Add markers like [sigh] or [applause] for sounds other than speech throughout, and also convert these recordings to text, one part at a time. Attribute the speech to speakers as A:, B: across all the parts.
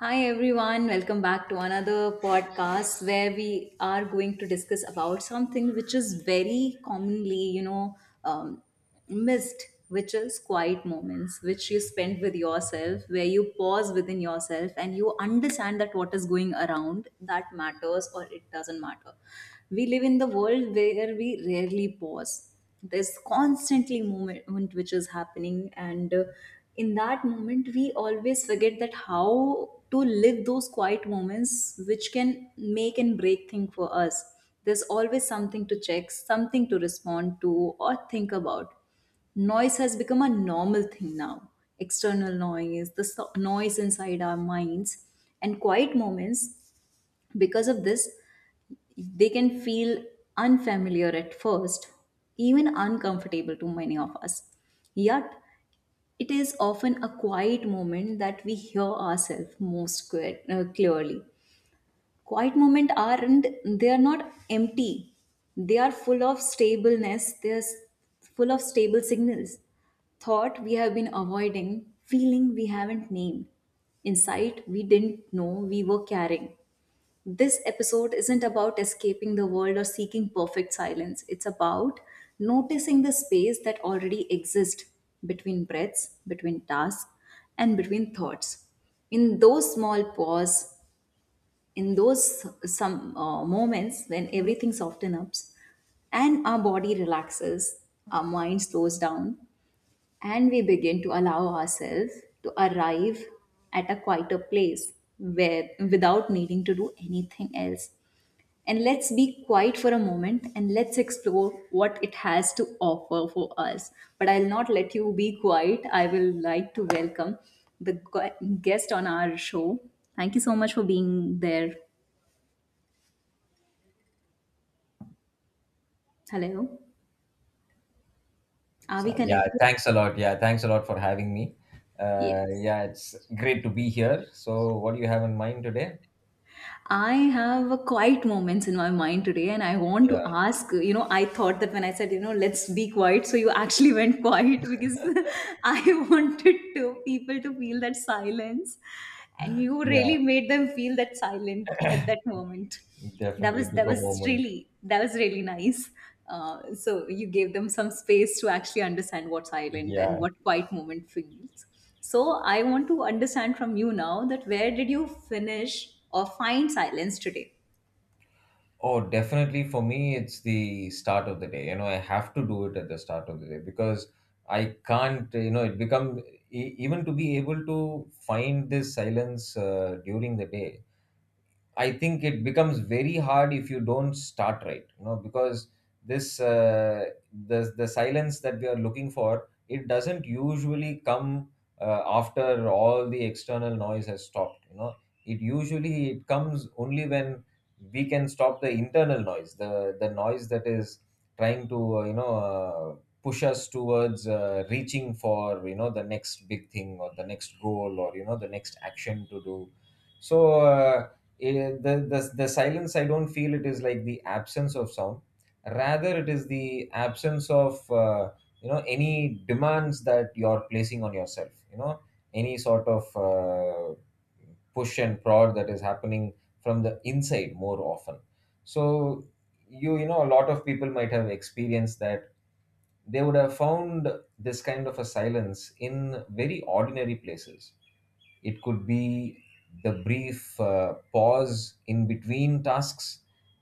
A: Hi everyone, welcome back to another podcast where we are going to discuss about something which is very commonly, um, missed, which is quiet moments which you spend with yourself, where you pause within yourself and you understand that what is going around that matters or it doesn't matter. We live in the world where we rarely pause. There's constantly movement which is happening, and in that moment we always forget that how to live those quiet moments which can make and break thing for us. There's always something to check, something to respond to, or think about. Noise has become a normal thing now, external noise, the noise inside our minds. And quiet moments, because of this, they can feel unfamiliar at first, even uncomfortable to many of us. Yet, it is often a quiet moment that we hear ourselves most clearly. Quiet moments aren't, they are not empty. They are full of stableness, they are full of stable signals. Thought we have been avoiding, feeling we haven't named, insight we didn't know we were carrying. This episode isn't about escaping the world or seeking perfect silence. It's about noticing the space that already exists between breaths, between tasks, and between thoughts. In those small pause, in those some moments when everything softens up and our body relaxes, our mind slows down, and we begin to allow ourselves to arrive at a quieter place where without needing to do anything else, and let's be quiet for a moment and let's explore what it has to offer for us. But I'll not let you be quiet. I will like to welcome the guest on our show. Thank you so much for being there. Hello. Are
B: So
A: we
B: yeah,
A: connected?
B: thanks a lot. Yeah, thanks a lot for having me. Uh,
A: Yes.
B: yeah, it's great to be here. So what do you have in mind today?
A: I have a quiet moments in my mind today, and I want to
B: Yeah,
A: ask. I thought that when I said, let's be quiet, so you actually [laughs] went quiet because [laughs] I wanted to people to feel that silence, and you
B: yeah,
A: really made them feel that silent at that moment. that
B: definitely
A: was
B: took
A: that
B: a
A: was
B: moment.
A: really that was really nice. So you gave them some space to actually understand what silent and
B: Yeah.
A: what quiet moment feels. So I want to understand from you now that where did you finish or find silence today.
B: Oh, definitely for me, it's the start of the day. You know, I have to do it at the start of the day because I can't, you know, it become even to be able to find this silence during the day, I think it becomes very hard if you don't start right, you know, because this the silence that we are looking for, it doesn't usually come after all the external noise has stopped. You know, it usually it comes only when we can stop the internal noise, the noise that is trying to push us towards reaching for, you know, the next big thing or the next goal or, you know, the next action to do. So, it, the silence, I don't feel it is like the absence of sound, rather it is the absence of you know, any demands that you're placing on yourself, you know, any sort of push and prod that is happening from the inside more often. So you know, a lot of people might have experienced that they would have found this kind of a silence in very ordinary places. It could be the brief pause in between tasks.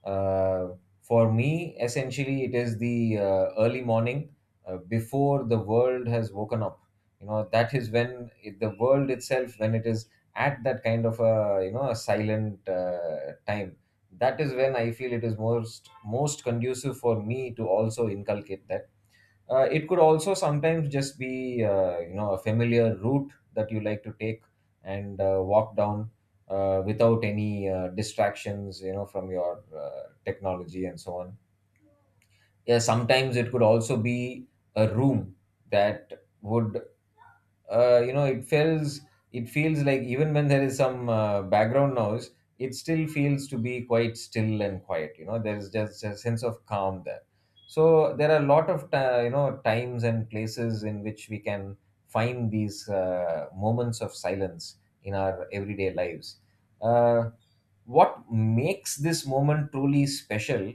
B: uh, for me, essentially it is the early morning, before the world has woken up. You know, that is when the world itself, when it is at that kind of a, you know, a silent time, that is when I feel it is most most conducive for me to also inculcate that. It could also sometimes just be you know, a familiar route that you like to take and walk down, without any distractions, you know, from your technology and so on. Yeah, sometimes it could also be a room that would you know, it feels, it feels like even when there is some background noise, it still feels to be quite still and quiet. You know, there is just a sense of calm there. So there are a lot of you know, times and places in which we can find these moments of silence in our everyday lives. uh, what makes this moment truly special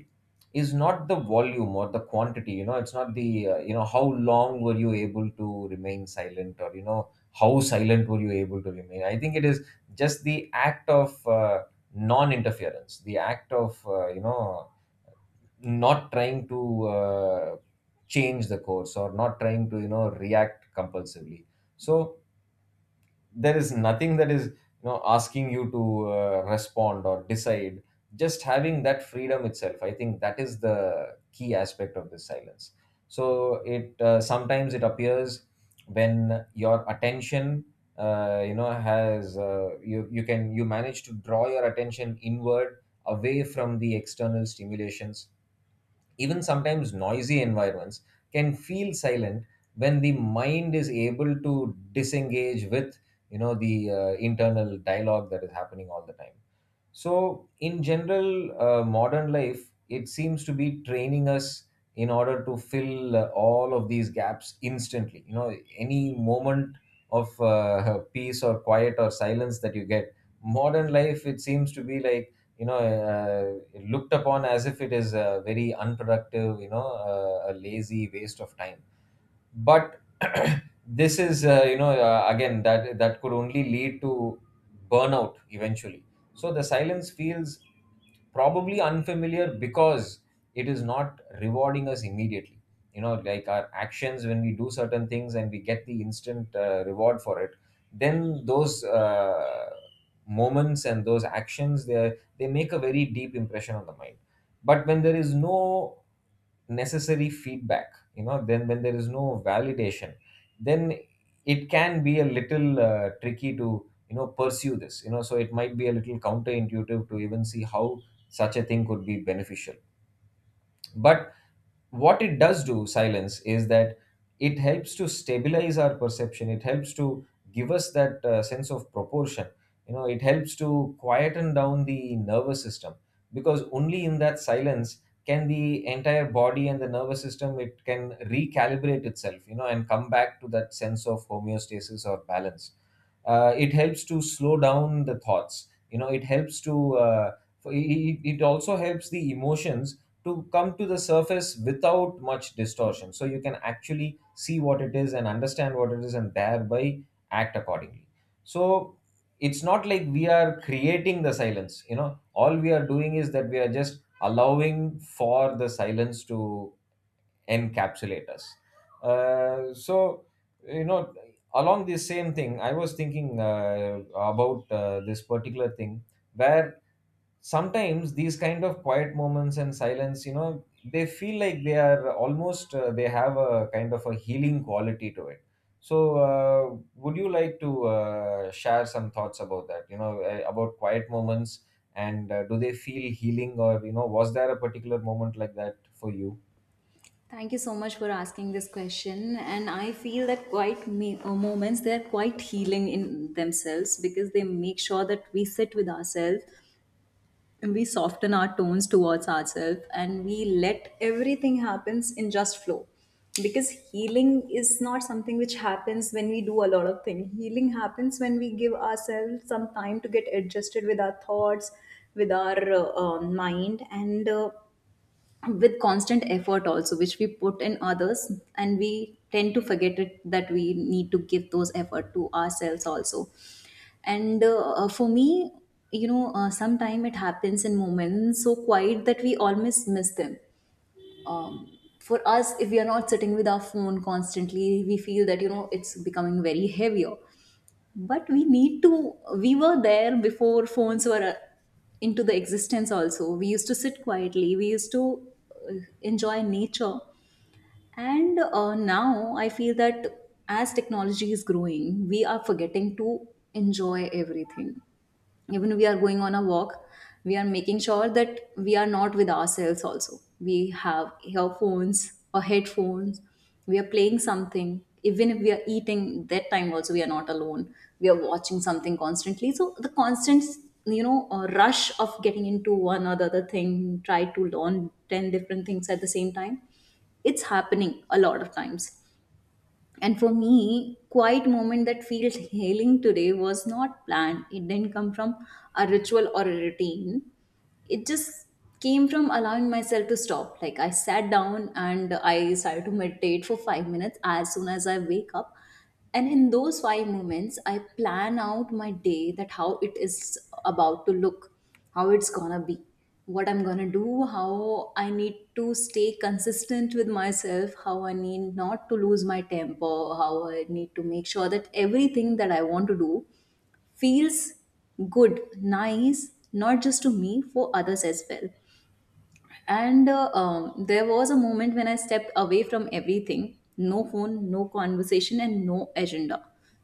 B: is not the volume or the quantity. You know, it's not the, you know, how long were you able to remain silent or, you know, how silent were you able to remain. I think it is just the act of non interference, the act of, you know, not trying to change the course or not trying to, you know, react compulsively. So, there is nothing that is, you know, asking you to respond or decide. Just having that freedom itself, I think that is the key aspect of this silence. So it sometimes it appears when your attention you know has you you can you manage to draw your attention inward, away from the external stimulations. Even sometimes noisy environments can feel silent when the mind is able to disengage with, you know, the internal dialogue that is happening all the time. So, in general, modern life, it seems to be training us in order to fill all of these gaps instantly. You know, any moment of [laughs] peace or quiet or silence that you get, modern life, it seems to be like, you know, looked upon as if it is very unproductive, you know, a lazy waste of time, but [clears throat] this is again that could only lead to burnout eventually. So the silence feels probably unfamiliar because it is not rewarding us immediately. You know, like our actions, when we do certain things and we get the instant reward for it, then those moments and those actions, they make a very deep impression on the mind. But when there is no necessary feedback, you know, then when there is no validation, then it can be a little tricky to, you know, pursue this, you know, so it might be a little counterintuitive to even see how such a thing could be beneficial. But what it does do, silence, is that it helps to stabilize our perception, it helps to give us that sense of proportion. You know, it helps to quieten down the nervous system, because only in that silence can the entire body and the nervous system, it can recalibrate itself, you know, and come back to that sense of homeostasis or balance. It helps to slow down the thoughts. You know, it helps to it also helps the emotions to come to the surface without much distortion. So you can actually see what it is and understand what it is and thereby act accordingly. So it's not like we are creating the silence, you know, all we are doing is that we are just allowing for the silence to encapsulate us. So, you know, along this same thing, I was thinking about this particular thing where sometimes these kind of quiet moments and silence, you know, they feel like they are almost they have a kind of a healing quality to it. So would you like to share some thoughts about that, you know, about quiet moments, and do they feel healing, or, you know, was there a particular moment like that for you?
A: Thank you so much for asking this question. And I feel that quiet moments, they're quite healing in themselves because they make sure that we sit with ourselves, we soften our tones towards ourselves, and we let everything happens in just flow. Because healing is not something which happens when we do a lot of things. Healing happens when we give ourselves some time to get adjusted with our thoughts, with our mind, and with constant effort also which we put in others, and we tend to forget it that we need to give those effort to ourselves also. And for me, sometime it happens in moments so quiet that we almost miss them. For us, if we are not sitting with our phone constantly, we feel that it's becoming very heavier. But we were there before phones were into the existence also. We used to sit quietly, we used to uh, enjoy nature. And now I feel that as technology is growing, we are forgetting to enjoy everything. Even we are going on a walk, we are making sure that we are not with ourselves, also we have earphones or headphones, we are playing something. Even if we are eating, that time also we are not alone, we are watching something constantly. So the constant, rush of getting into one or the other thing, try to learn 10 different things at the same time, it's happening a lot of times. And for me, quiet moment that feels healing today was not planned. It didn't come from a ritual or a routine, it just came from allowing myself to stop, like I sat down and I started to meditate for 5 minutes as soon as I wake up. And in those 5 moments I plan out my day, that how it is about to look, how it's going to be, what I'm going to do, how I need to stay consistent with myself, how I need not to lose my temper, how I need to make sure that everything that I want to do feels good, nice, not just to me, for others as well. And there was a moment when I stepped away from everything, no phone, no conversation, and no agenda.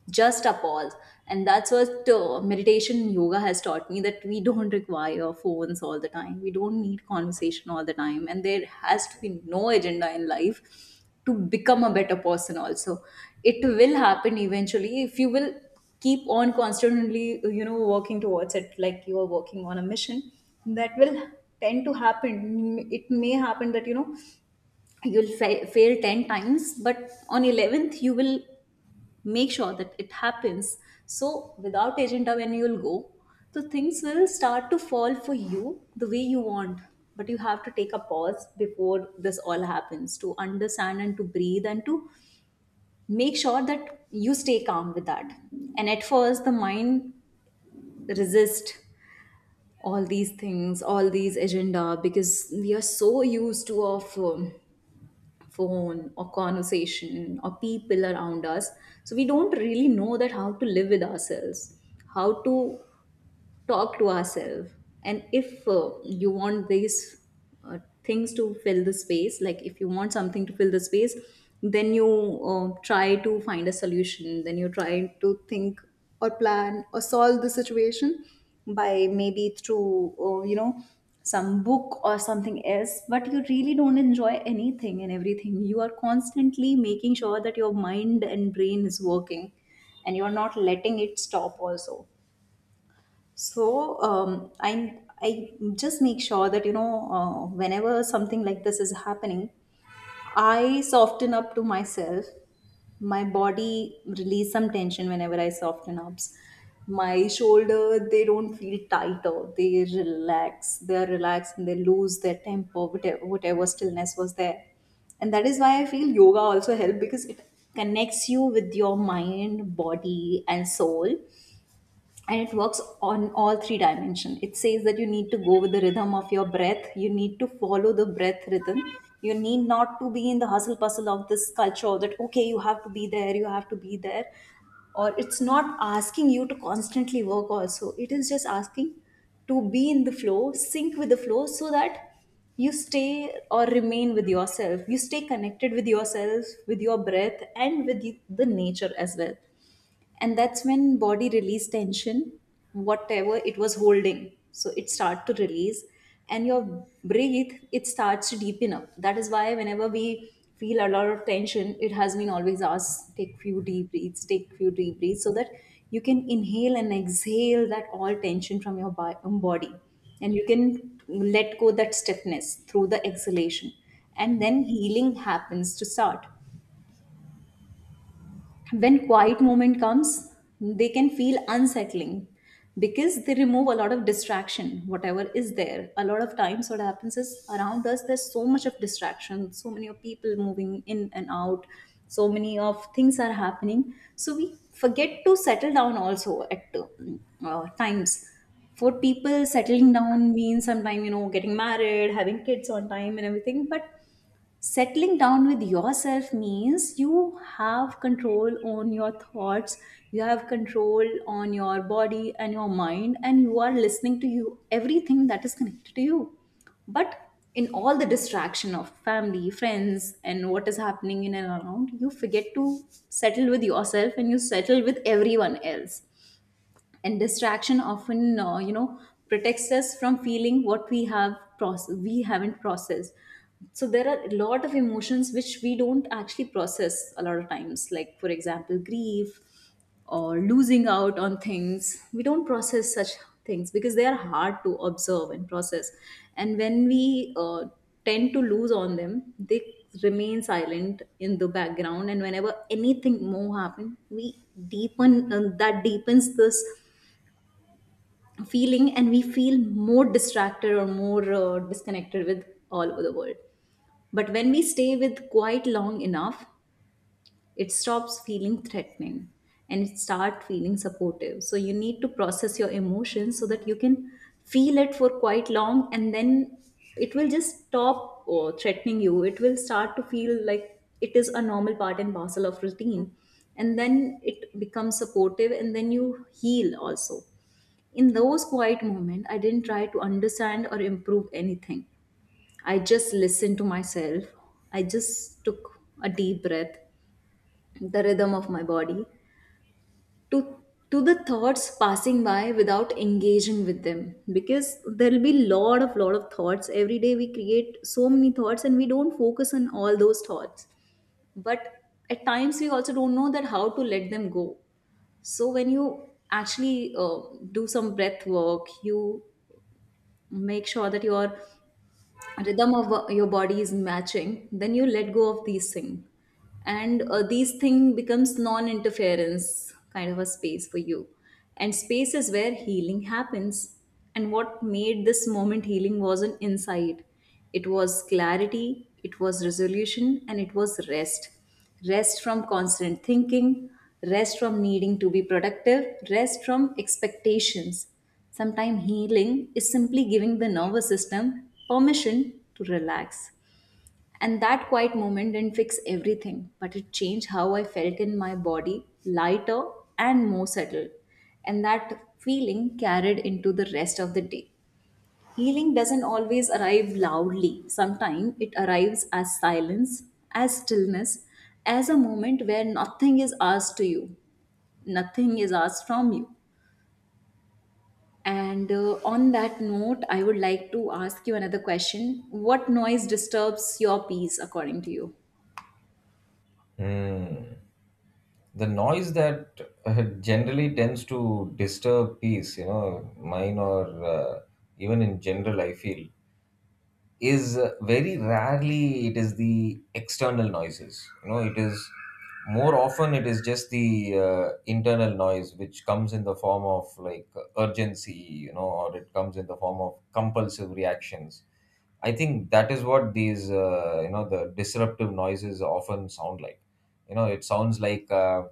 A: Just a pause. And that's what meditation and yoga has taught me that we don't require phones all the time. We don't need conversation all the time. And there has to be no agenda in life to become a better person, also. It will happen eventually if you will keep on constantly working towards it like you are working on a mission, that will tend to happen. It may happen that you know you'll fail 10 times, but on 11th you will make sure that it happens. So without agenda when you'll go, the things will start to fall for you the way you want. But you have to take a pause before this all happens to understand and to breathe and to make sure that you stay calm with that. And at first the mind resist all these things, all these agenda, because we are so used to our phone or conversation or people around us. So we don't really know that how to live with ourselves, how to talk to ourselves. And if you want these things to fill the space, like if you want something to fill the space, then you try to find a solution, then you try to think or plan or solve the situation by maybe through some book or something else. But you really don't enjoy anything and everything, you are constantly making sure that your mind and brain is working, and you're not letting it stop also. So I just make sure that whenever something like this is happening, I soften up to myself. My body release some tension whenever I soften up. My shoulder they don't feel tighter. They relax. They are relaxed and they lose their temper. Whatever, whatever stillness was there, and that is why I feel yoga also help because it connects you with your mind, body, and soul, and it works on all three dimension. It says that you need to go with the rhythm of your breath, you need to follow the breath rhythm. You need not to be in the hustle bustle of this culture that okay you have to be there, you have to be there. Or it's not asking you to constantly work also, it is just asking to be in the flow, sync with the flow, so that you stay or remain with yourself, you stay connected with yourself, with your breath and with the nature as well. And that's when body release tension. Whatever it was holding, so it start to release. And your breathe it starts to deepen up. That is why whenever we feel a lot of tension, it has been always asked take few deep breaths, take few deep breaths, so that you can inhale and exhale that all tension from your body, and you can let go that stiffness through the exhalation. And then healing happens to start. When quiet moment comes, they can feel unsettling because they remove a lot of distraction whatever is there. A lot of times what happens is around us there's so much of distraction, so many of people moving in and out, so many of things are happening, so we forget to settle down also at times. For people, settling down means sometime getting married, having kids on time and everything. But settling down with yourself means you have control on your thoughts, you have control on your body and your mind, and you are listening to you everything that is connected to you. But in all the distraction of family, friends, and what is happening in and around, you forget to settle with yourself and you settle with everyone else. And distraction often, protects us from feeling what we have process we haven't processed. So there are a lot of emotions which we don't actually process a lot of times, like for example grief, or losing out on things. We don't process such things because they are hard to observe and process. And when we tend to lose on them they remain silent in the background. And whenever anything more happen, we deepen That deepens this feeling, and we feel more distracted or more disconnected with all over the world. But when we stay with quite long enough, it stops feeling threatening and it starts feeling supportive. So you need to process your emotions so that you can feel it for quite long, and then it will just stop threatening you. It will start to feel like it is a normal part and parcel of routine, and then it becomes supportive and then you heal also. In those quiet moments, I didn't try to understand or improve anything. I just listened to myself. I just took a deep breath, the rhythm of my body, to to the thoughts passing by without engaging with them, because there'll be lot of thoughts. Every day we create so many thoughts and we don't focus on all those thoughts, but at times we also don't know that how to let them go. So when you actually do some breath work, you make sure that your rhythm of your body is matching, then you let go of these things, and these thing becomes non interference kind of a space for you, and space is where healing happens. And what made this moment healing wasn't insight, it was clarity, it was resolution, and it was rest. Rest from constant thinking, rest from needing to be productive, rest from expectations. Sometimes healing is simply giving the nervous system permission to relax. And that quiet moment didn't fix everything, but it changed how I felt in my body, lighter and more settled. And that feeling carried into the rest of the day. Healing doesn't always arrive loudly. Sometimes it arrives as silence, as stillness, as a moment where nothing is asked to you, nothing is asked from you. And on that note, I would like to ask you another question. What noise disturbs your peace according to you?
B: Hmm. The noise that generally tends to disturb peace, you know, mine or even in general, I feel, is very rarely it is the external noises. You know, it is more often it is just the internal noise, which comes in the form of like urgency, you know, or it comes in the form of compulsive reactions. I think that is what these you know, the disruptive noises often sound like. You know, it sounds like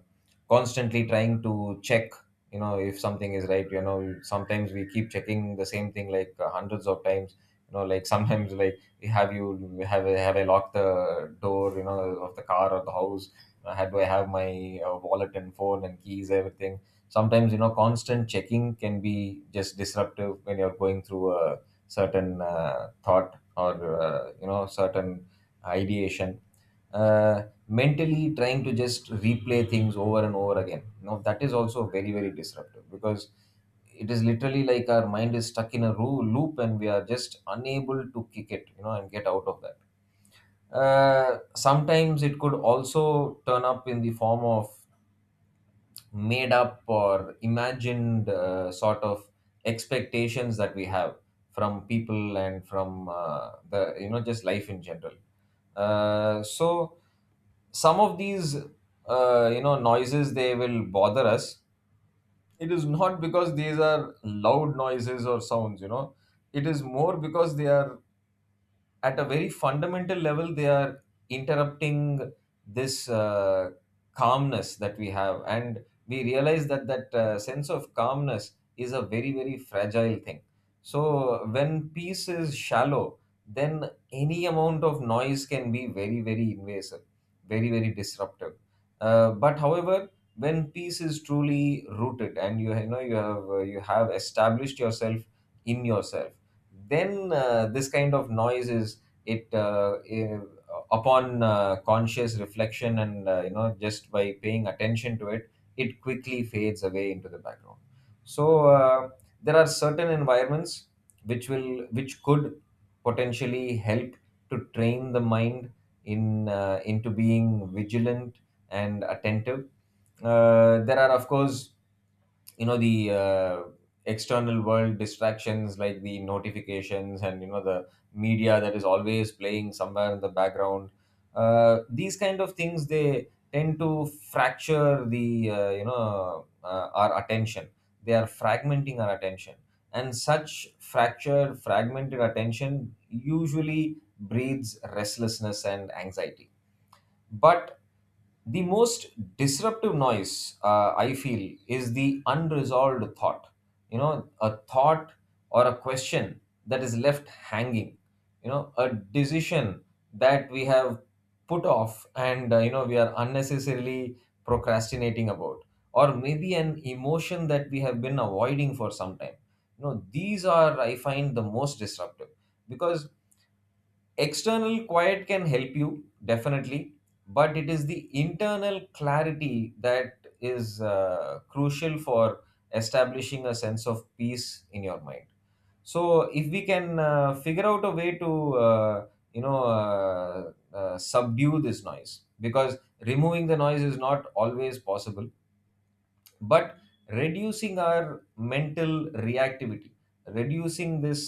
B: constantly trying to check, you know, if something is right. You know, sometimes we keep checking the same thing like hundreds of times. You know, like sometimes [laughs] like we have, I, have I locked the door, you know, of the car or the house, had do I have my wallet and phone and keys, everything. Sometimes, you know, constant checking can be just disruptive when you're going through a certain thought or you know, certain ideation. uh, Mentally trying to just replay things over and over again, you know, that is also very very disruptive, because it is literally like our mind is stuck in loop and we are just unable to kick it, you know, and get out of that. Sometimes it could also turn up in the form of made up or imagined sort of expectations that we have from people and from the, you know, just life in general. So some of these you know, noises, they will bother us. It is not because these are loud noises or sounds, you know, it is more because they are, at a very fundamental level, they are interrupting this calmness that we have, and we realize that that sense of calmness is a very very fragile thing. So when peace is shallow, then any amount of noise can be very very invasive, very very disruptive. But however, when peace is truly rooted and you know, you have established yourself in yourself, then this kind of noise is, it uh, eh, upon conscious reflection and you know, just by paying attention to it, it quickly fades away into the background. So there are certain environments which will, which could potentially help to train the mind in into being vigilant and attentive. There are, of course, you know, the external world distractions, like the notifications and, you know, the media that is always playing somewhere in the background. These kind of things, they tend to fracture the our attention. They are fragmenting our attention, and such fractured fragmented attention usually breeds restlessness and anxiety. But the most disruptive noise, I feel, is the unresolved thought. You know, a thought or a question that is left hanging. You know, a decision that we have put off and you know, we are unnecessarily procrastinating about, or maybe an emotion that we have been avoiding for some time. You know, these are I find the most disruptive because external quiet can help you, definitely, but it is the internal clarity that is crucial for establishing a sense of peace in your mind. So, if we can figure out a way to, subdue this noise, because removing the noise is not always possible, but reducing our mental reactivity, reducing this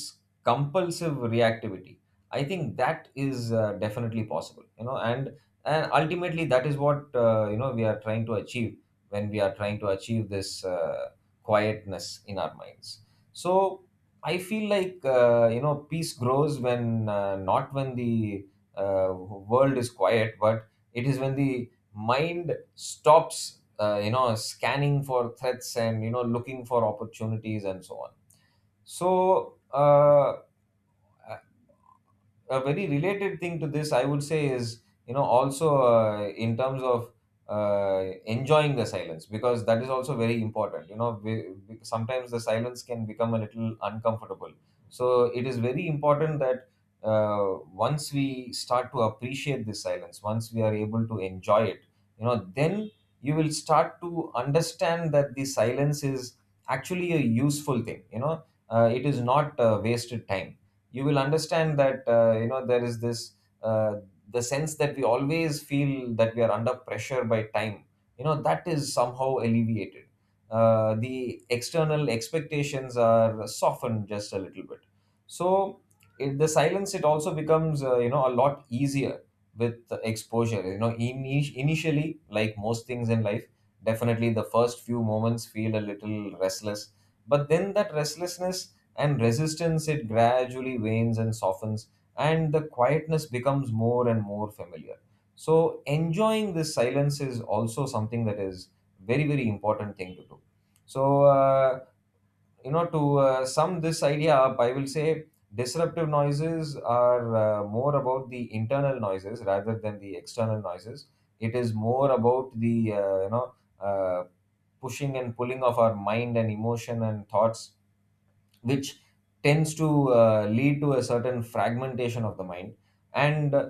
B: compulsive reactivity, I think that is definitely possible, you know, and ultimately that is what, you know, we are trying to achieve when we are trying to achieve this quietness in our minds. So I feel like, you know, peace grows when, not when the uh, world is quiet, but it is when the mind stops you know scanning for threats and you know looking for opportunities and so on. So a very related thing to this I would say is, you know, also in terms of enjoying the silence, because that is also very important. You know, sometimes the silence can become a little uncomfortable, so it is very important that, uh, once we start to appreciate this silence, once we are able to enjoy it, you know, then you will start to understand that the silence is actually a useful thing. You know, it is not wasted time. You will understand that, you know, there is this uh, the sense that we always feel that we are under pressure by time, you know, that is somehow alleviated. The external expectations are softened just a little bit. So in the silence it also becomes, you know, a lot easier with exposure. You know, initially, like most things in life, definitely the first few moments feel a little restless, but then that restlessness and resistance, it gradually wanes and softens, and the quietness becomes more and more familiar. So enjoying this silence is also something that is very, very important thing to do. So you know, to sum this idea up, I will say disruptive noises are more about the internal noises rather than the external noises. It is more about the uh, you know uh, pushing and pulling of our mind and emotion and thoughts, which tends to lead to a certain fragmentation of the mind. And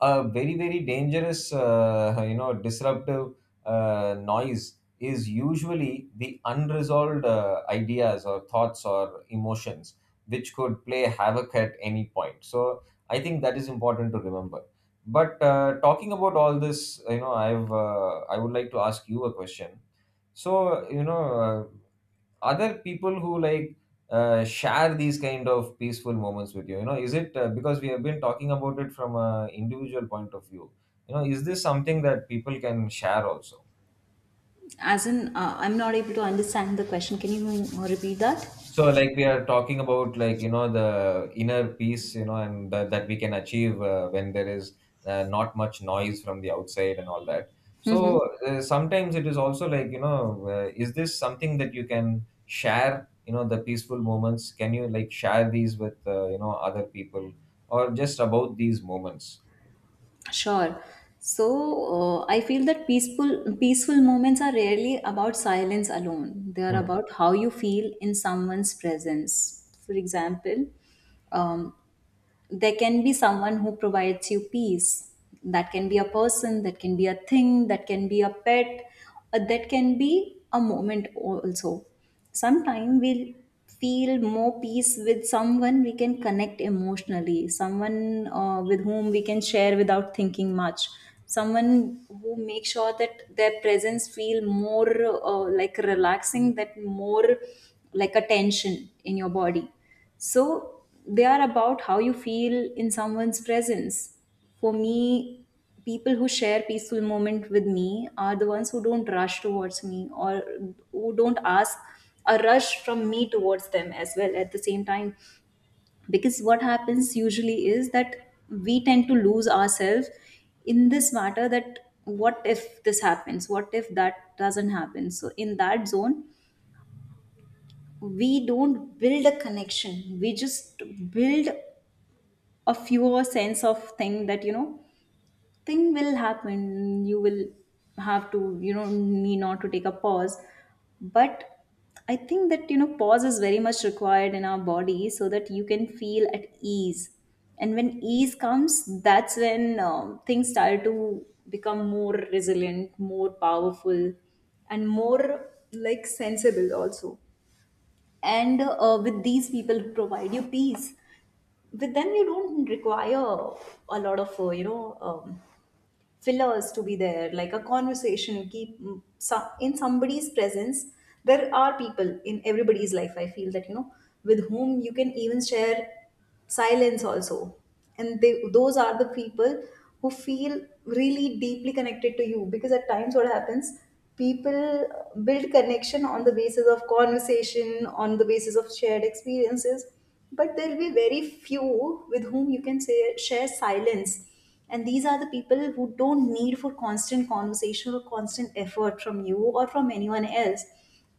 B: a very, very dangerous disruptive noise is usually the unresolved ideas or thoughts or emotions, which could play havoc at any point. So I think that is important to remember. But talking about all this, you know, I would like to ask you a question. So you know, other people who like share these kind of peaceful moments with you, you know, is it, because we have been talking about it from a individual point of view, you know, is this something that people can share also?
A: As in, I'm not able to understand the question. Can you repeat that?
B: So, like we are talking about, like, you know, the inner peace, you know, and that we can achieve when there is not much noise from the outside and all that. So,
A: Mhm.
B: sometimes it is also like, you know, is this something that you can share? You know, the peaceful moments. Can you like share these with, you know, other people, or just about these moments?
A: Sure. So I feel that peaceful moments are rarely about silence alone. They are
B: Hmm,
A: about how you feel in someone's presence. For example, um, there can be someone who provides you peace. That can be a person, that can be a thing, that can be a pet, or that can be a moment also. Sometimes we'll feel more peace with someone we can connect emotionally, someone with whom we can share without thinking much, someone who makes sure that their presence feel more like relaxing, that more like a tension in your body, so they are about how you feel in someone's presence. For me, people who share peaceful moment with me are the ones who don't rush towards me, or who don't ask a rush from me towards them as well at the same time. Because what happens usually is that we tend to lose ourselves in this matter that what if this happens? What if that doesn't happen? So in that zone, we don't build a connection, we just build a fewer sense of thing that, you know, thing will happen, you will have to, you know, need not to take a pause. But I think that, you know, pause is very much required in our body so that you can feel at ease, and when ease comes, that's when things start to become more resilient, more powerful, and more like sensible also. And with these people who provide you peace, but then you don't require a lot of you know, fillers to be there like a conversation, keep some in somebody's presence. There are people in everybody's life, I feel, that you know, with whom you can even share silence also, and they, those are the people who feel really deeply connected to you, because at times what happens, people build connection on the basis of conversation, on the basis of shared experiences, but there'll be very few with whom you can say, share silence. And these are the people who don't need for constant conversation or constant effort from you or from anyone else.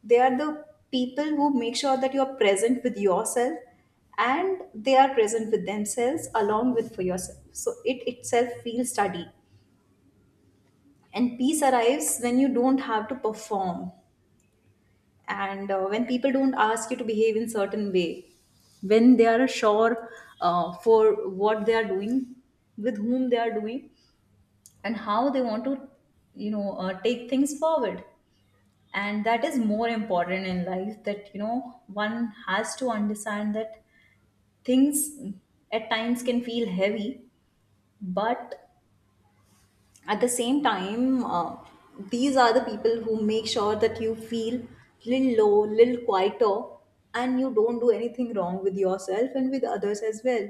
A: They are the people who make sure that you're present with yourself, and they are present with themselves along with for yourself. So it itself feels study. And peace arrives when you don't have to perform, and when people don't ask you to behave in certain way, when they are sure for what they are doing, with whom they are doing, and how they want to, you know, take things forward. And that is more important in life, that you know, one has to understand that things at times can feel heavy, but at the same time, these are the people who make sure that you feel little low, little quieter, and you don't do anything wrong with yourself and with others as well.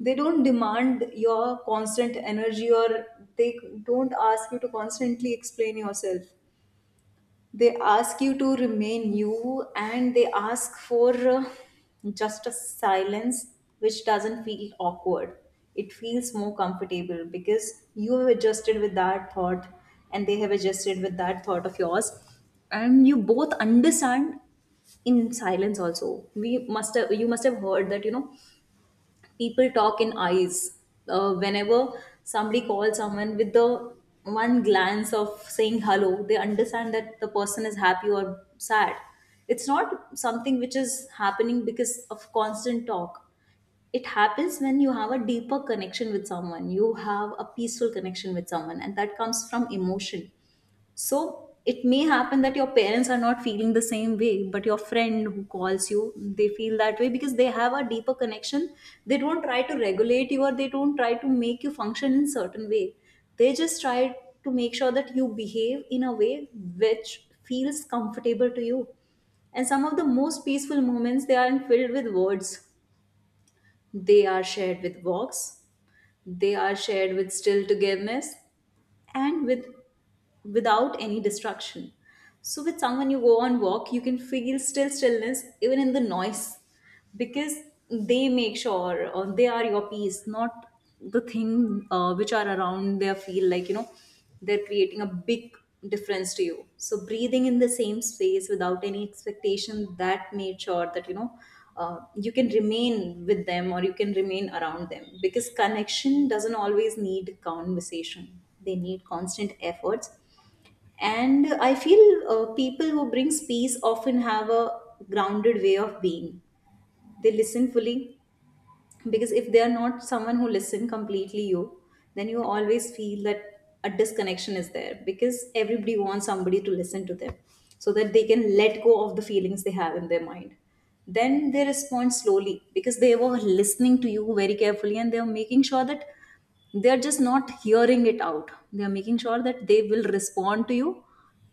A: They don't demand your constant energy, or they don't ask you to constantly explain yourself. They ask you to remain you, and they ask for just a silence which doesn't feel awkward. It feels more comfortable because you have adjusted with that thought, and they have adjusted with that thought of yours, and you both understand. In silence also, we must have, you must have heard that you know, people talk in eyes. Whenever somebody calls someone with the one glance of saying hello, they understand that the person is happy or sad. It's not something which is happening because of constant talk. It happens when you have a deeper connection with someone, you have a peaceful connection with someone, and that comes from emotion. So it may happen that your parents are not feeling the same way, but your friend who calls you, they feel that way because they have a deeper connection. They don't try to regulate you, or they don't try to make you function in certain way. They just try to make sure that you behave in a way which feels comfortable to you. And some of the most peaceful moments, they aren't filled with words. They are shared with walks. They are shared with still togetherness, and with without any distraction. So with someone you go on walk, you can feel still stillness even in the noise, because they make sure, or they are your peace, not the thing which are around. They feel like you know, they're creating a big difference to you. So breathing in the same space without any expectation, that made sure that you know, you can remain with them or you can remain around them, because connection doesn't always need conversation, they need constant efforts. And I feel people who brings peace often have a grounded way of being. They listen fully, because if they are not someone who listen completely you, then you always feel that a disconnection is there, because everybody wants somebody to listen to them so that they can let go of the feelings they have in their mind. Then they respond slowly, because they were listening to you very carefully, and they are making sure that they are just not hearing it out. They are making sure that they will respond to you,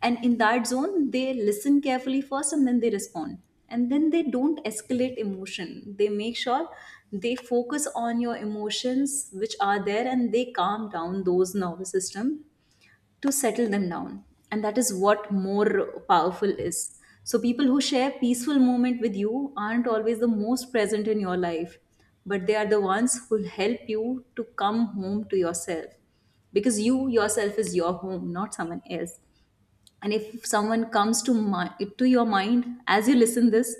A: and in that zone they listen carefully first and then they respond. And then they don't escalate emotion, they make sure they focus on your emotions which are there, and they calm down those nervous system to settle them down, and that is what more powerful is. So people who share peaceful moment with you aren't always the most present in your life, but they are the ones who'll help you to come home to yourself, because you yourself is your home, not someone else. And if someone comes to my, to your mind as you listen this,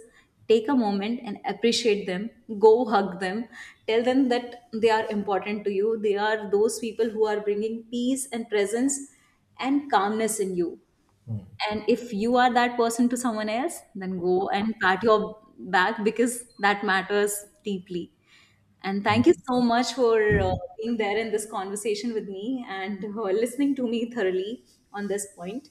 A: take a moment and appreciate them, go hug them, tell them that they are important to you, they are those people who are bringing peace and presence and calmness in you.
B: hmm,
A: And if you are that person to someone else, then go and pat your back because that matters deeply. And thank you
B: hmm.
A: so much for being there in this conversation with me, and listening to me thoroughly on this point.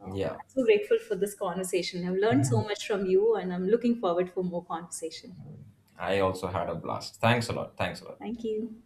B: Yeah,
A: I'm so grateful for this conversation. I've learned so
B: [laughs]
A: much from you, and I'm looking forward for more conversation.
B: I also had a blast. Thanks a lot. Thanks a lot.
A: Thank you.